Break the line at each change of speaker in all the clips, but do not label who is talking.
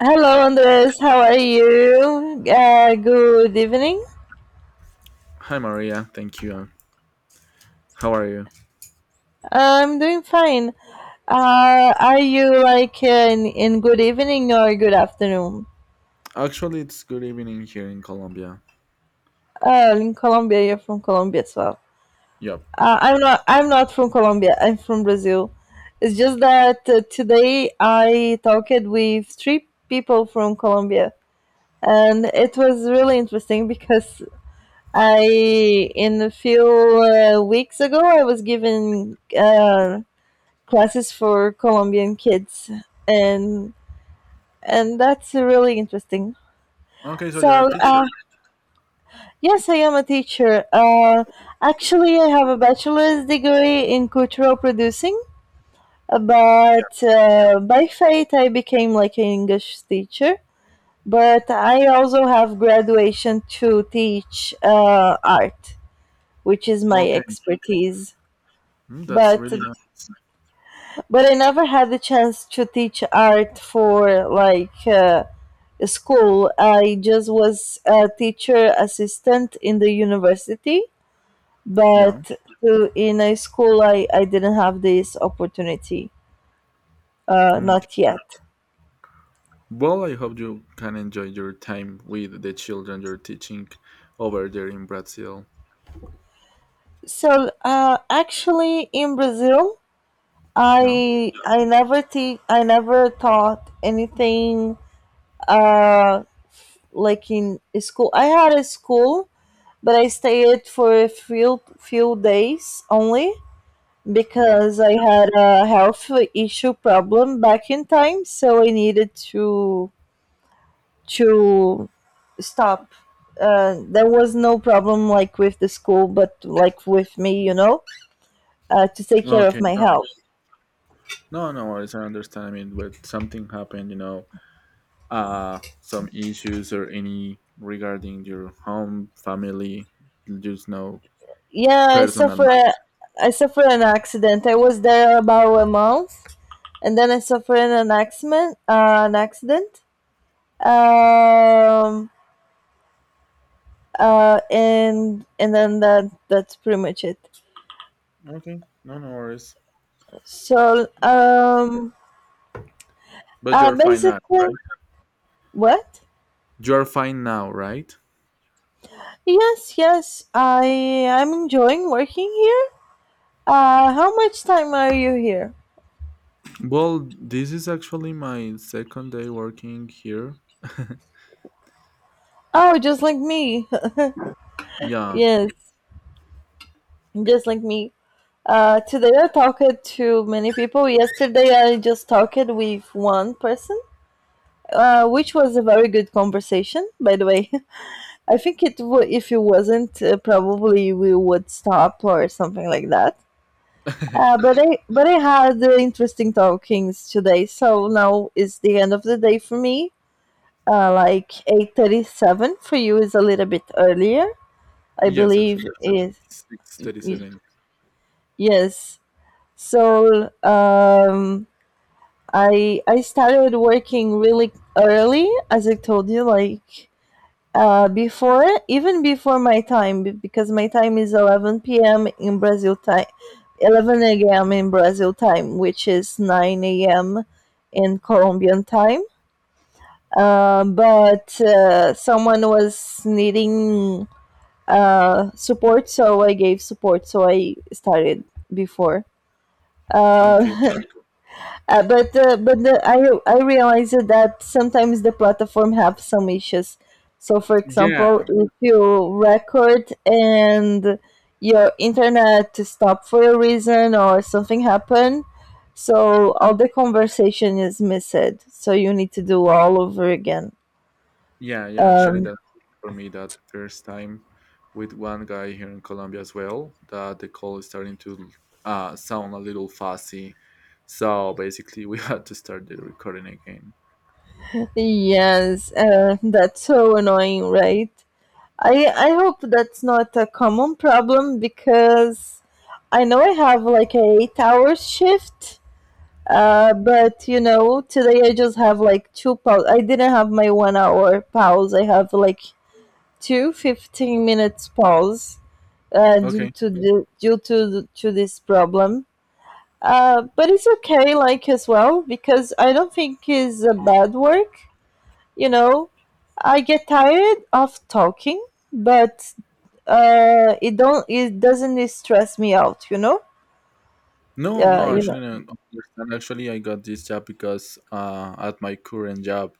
Hello, Andres. How are you? Good evening.
Hi Maria, thank you. How are you?
I'm doing fine. Are you like in good evening or good afternoon?
Actually, it's good evening here in Colombia.
In Colombia, you're from Colombia as well.
Yep.
I'm not. I'm not from Colombia. I'm from Brazil. It's just that today I talked with three people from Colombia, and it was really interesting because I, in a few weeks ago, I was given classes for Colombian kids, and and that's really interesting.
Okay, so you're a
So
teacher.
uh, yes, I am a teacher. Actually, I have a bachelor's degree in cultural producing,
Yeah.
but by fate I became like an English teacher. But I also have graduation to teach art, which is my
Okay.
expertise.
Mm, that's
But
really nice.
but I never had the chance to teach art for like school. I just was a teacher assistant in the university,
Yeah.
but in a school, I didn't have this opportunity,
Mm.
not yet.
Well, I hope you can enjoy your time with the children you're teaching over there in Brazil.
So actually, in Brazil,
Yeah.
I never taught anything uh, like in school. I had a school, but I stayed for a few days only
Yeah.
because I had a health issue problem back in time, so I needed to stop. There was no problem like with the school, but like with me, you know, to take care of
Okay.
my
No.
health.
No, no worries. I understand. I mean, with something happened, some issues or any regarding your home, family, just no
Yeah, I
personal
suffer. I suffered an accident. I was there about a month, and then I suffered an accident. An accident. Um, and then that's pretty much it.
matter. Okay. No, no worries.
So um,
But you're fine now,
Basically,
right?
what?
You're fine now, right?
Yes, yes. I'm enjoying working here. How much time are you here?
Well, this is actually my second day working here.
Oh, just like me.
Yeah.
Yes, just like me. Today I talked to many people. Yesterday I just talked with one person, which was a very good conversation, by the way. I think it w- If it wasn't, probably we would stop or something like that. But I had the interesting talkings today. So now is the end of the day for me. Like 8:37 for you is a little bit earlier, I
Yes, actually.
believe. Y-
6:37.
yes. So um, I started working really early, as I told you, like before my because my time is 11 p.m. in Brazil time, 11 a.m. in Brazil time, which is 9 a.m. in Colombian time. But Someone was needing support, so I gave support. So I started before.
Okay.
Uh, I realized that sometimes the platform have some issues. So for
Yeah,
example, if you record and your internet to stop for a reason or something happen, so all the conversation is missed. So you need to do all over again.
yeah, yeah. Actually,
Um,
that for me, that first time with one guy here in Colombia as well, that the call is starting to sound a little fussy. So basically, we had to start the recording again.
yes, that's so annoying, right? I hope that's not a common problem because I know I have like a 8 hour shift. But you know, today I just have like two pause. I didn't have my 1 hour pause. I have like two 15 minutes pause
Okay.
to this problem. But it's okay, like as well, because I don't think it's a bad work. You know, I get tired of talking, but it doesn't stress me out, you know?
No,
Yeah,
no,
you know,
actually, I don't understand. Actually, I got this job because at my current job,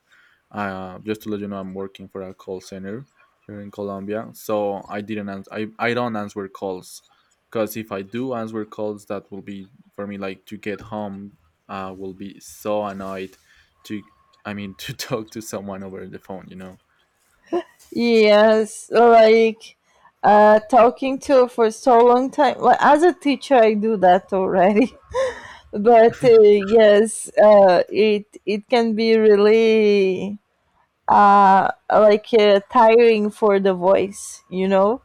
just to let you know, I'm working for a call center here in Colombia. So I don't answer calls because if I do answer calls, that will be for me like to get home. Will be so annoyed to, I mean, to talk to someone over the phone.
yes, like talking to for so long time, well, as a teacher I do that already. but Yes, it can be really tiring for the voice, you know.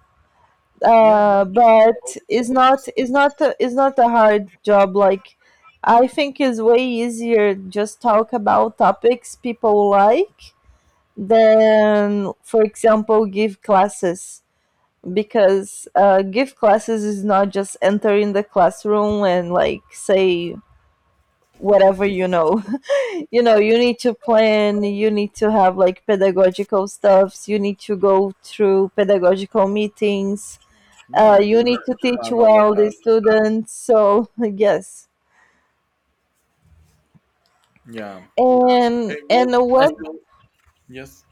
Yeah. No. It's
But
all
it's not,
calls.
it's not a hard job, like I think it's way easier just talk about topics people like than for example give classes, because give classes is not just entering the classroom and like say whatever, you know. You know, you need to plan, you need to have like pedagogical stuffs, you need to go through pedagogical meetings,
No, you
you
have
need to teach
and all of
well the
that.
students. So yes,
Yeah. Okay.
and
Well, as
what?
well. Yes.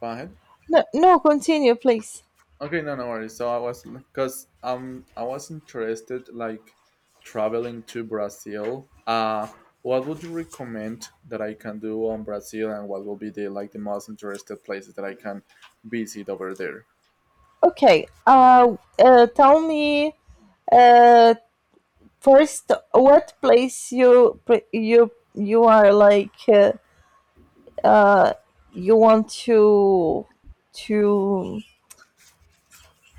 Go ahead.
No, no, continue please.
Okay, no, no worries. So I was because I was interested like traveling to Brazil. What would you recommend that I can do on Brazil, and what will be the like the most interested places that I can visit over there?
Okay, tell me uh first what you you are like uh you want to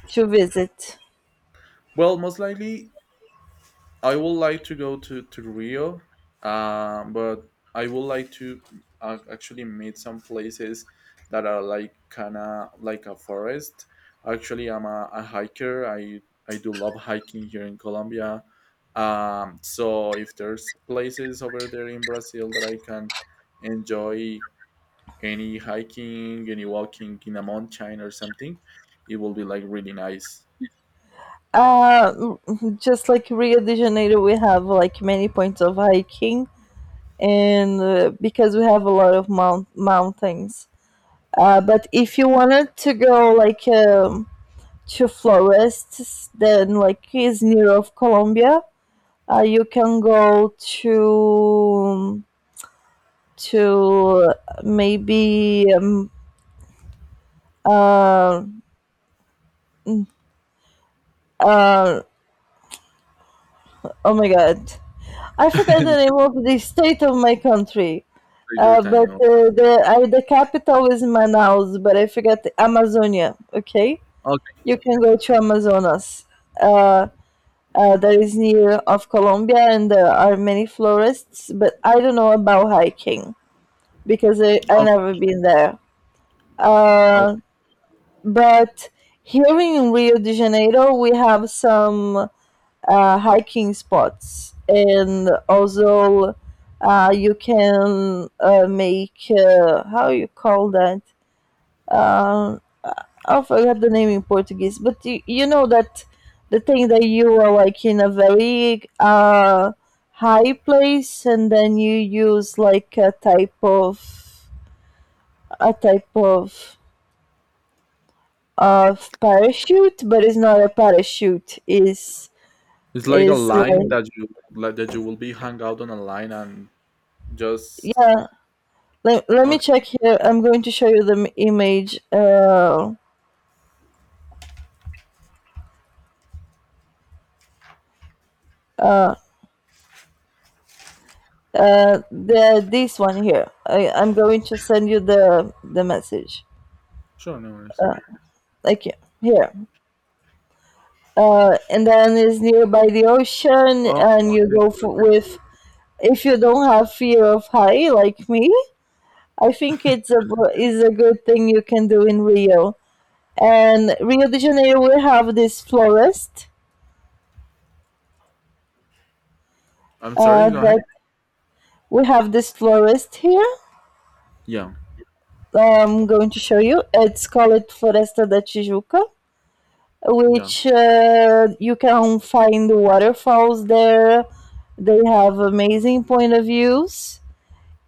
to visit.
Well, most likely I would like to go to Rio, but I would like to actually meet some places that are like kinda like a forest. Actually, a hiker. I do love hiking here in Colombia. So if there's places over there in Brazil that I can enjoy any hiking, any walking in a mountain or something, it will be like really nice.
uh just like Rio de Janeiro, we have like many points of hiking, and because we have a lot of mountains. But if you wanted to go like to forests, then like is near of Colombia, you can go to maybe uh, uh, oh my god, I forgot the name of the state of my country.
Take your time. No?
The capital is Manaus, but I forgot the Amazonia. Okay,
Okay.
you can go to Amazonas. Uh, that is near of Colombia, and there are many forests. But I don't know about hiking because I never been there.
Oh,
Uh, but Here in Rio de Janeiro, we have some hiking spots, and also you can make how you call that. Um, I forgot the name in Portuguese, but you know that the thing that you are like in a very high place, and then you use like a type of parachute, but it's not a parachute.
it's like a
Is
line
like,
that you like, that you will be hung out on a line and just
yeah. Let, let me
okay.
check here. I'm going to show you the image. Uh, the This one here. I'm going to send you the message.
Sure, no worries.
Like yeah, here. And then it's nearby the ocean,
Oh,
and you
okay.
go with. If you don't have fear of high like me, I think it's a is a good thing you can do in Rio. And Rio de Janeiro, we have this florist.
I'm sorry. Go ahead.
That We have this florist here.
Yeah,
I'm going to show you. It's called Floresta da Tijuca,
yeah.
which you can find waterfalls there. They have amazing point of views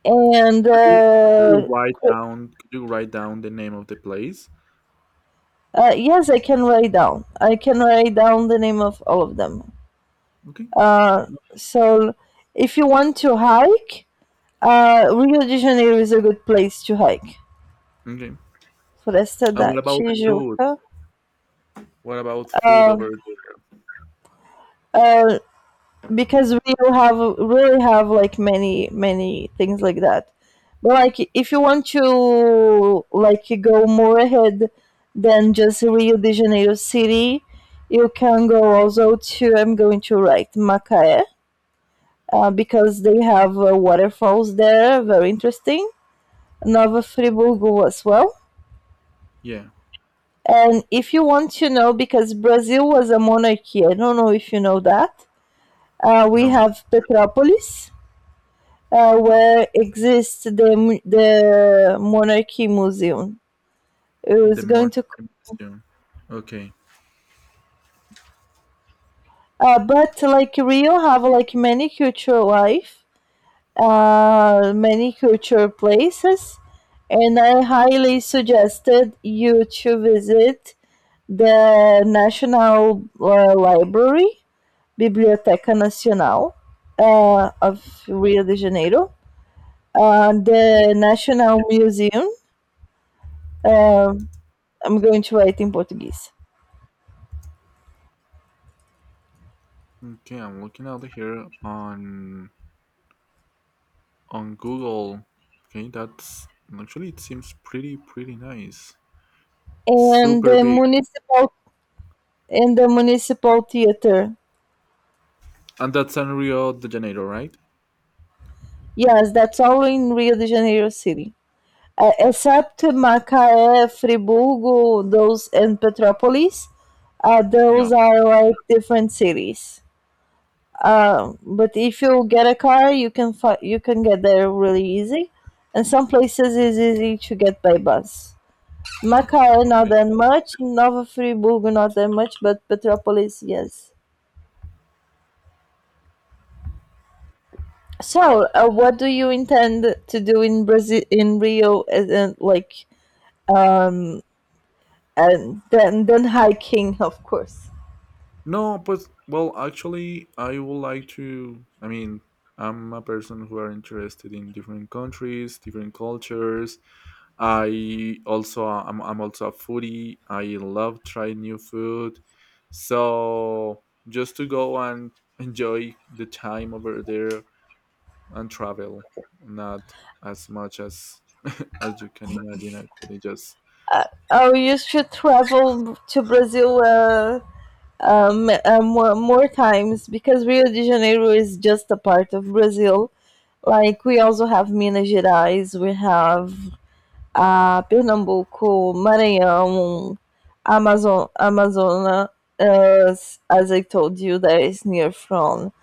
and
Could you could you write down? Could you write down the name of the place?
yes, I can write down. I can write down the name of all of them.
Okay.
Uh, so, if you want to hike, Rio de Janeiro is a good place to hike.
Okay.
Floresta
And
da
what about food?
Tijuca.
What about food
Uh,
over there?
uh, because we will have really have like many things like that, but like if you want to like go more ahead than just Rio de Janeiro city, you can go also to, I'm going to write, Macaé, because they have waterfalls there, very interesting. Nova Friburgo as well.
Yeah.
And if you want to know, because Brazil was a monarchy, I don't know if you know that, we
No.
have Petropolis, where exists the the monarchy museum. It was
The
going
morning
to,
museum. Okay.
but like Rio have like many cultural life, many cultural places, and I highly suggested you to visit the National Library, Biblioteca Nacional of Rio de Janeiro,
Yeah.
the National Museum. um I'm going to write in Portuguese.
Okay. I'm looking out here on Google. Okay, that's actually it seems pretty nice.
and
Super
the
big.
municipal and the municipal theater.
And that's in Rio de Janeiro, right?
Yes, that's all in Rio de Janeiro city, except Macaé, Friburgo, those and Petrópolis.
Yeah.
Those are like different cities. But if you get a car, you can get there really easy, and some places it's easy to get by bus. Macaé not
Okay.
that much, Nova Friburgo not that much, but Petrópolis yes. So, what do you intend to do in Brazil, in Rio, and like, um, and then hiking, of course.
No, but well, actually, I would like to. I mean, I'm a person who are interested in different countries, different cultures. I'm also a foodie. I love trying new food. So just to go and enjoy the time over there and travel, not as much as you can imagine. Actually, just
Oh, you should travel to Brazil, more times, because Rio de Janeiro is just a part of Brazil. Like we also have Minas Gerais, we have Pernambuco, Maranhão, Amazon, Amazonas. As I told you, that is near from,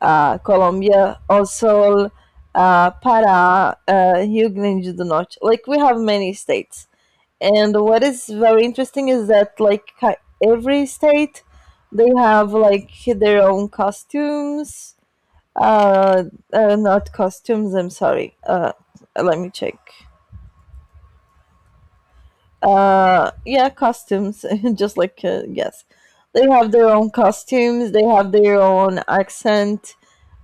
ah, Colombia, also Pará, Rio Grande do Norte. Like we have many states, and what is very interesting is that, every state, they have like their own costumes. Uh, Not costumes, I'm sorry. Let me check. Yeah, costumes. Just like, yes, they have their own costumes. They have their own accent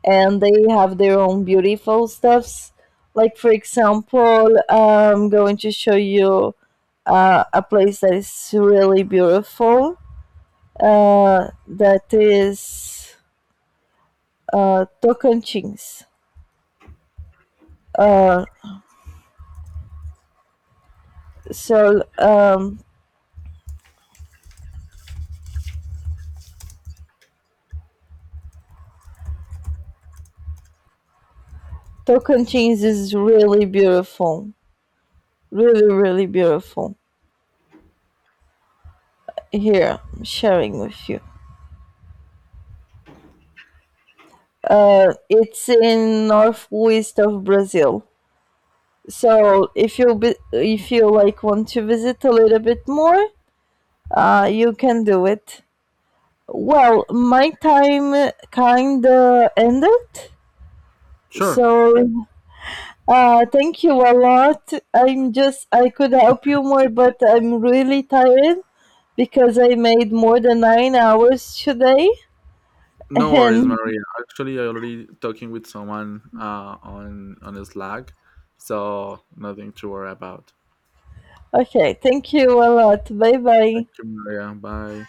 and they have their own beautiful stuffs. Like for example, I'm going to show you a place that is really beautiful. That is Tocantins. Uh, so um, Tocantins is really beautiful, really really beautiful. Here, I'm sharing with you. It's in northwest of Brazil. If you like want to visit a little bit more, you can do it. Well, my time kinda ended.
sure.
So thank you a lot. I could help you more, but I'm really tired because I made more than 9 hours today.
No worries,
And
Maria. Actually, I already talking with someone on Slack, so nothing to worry about.
Okay, thank you a lot. Bye bye.
Thank you, Maria. Bye.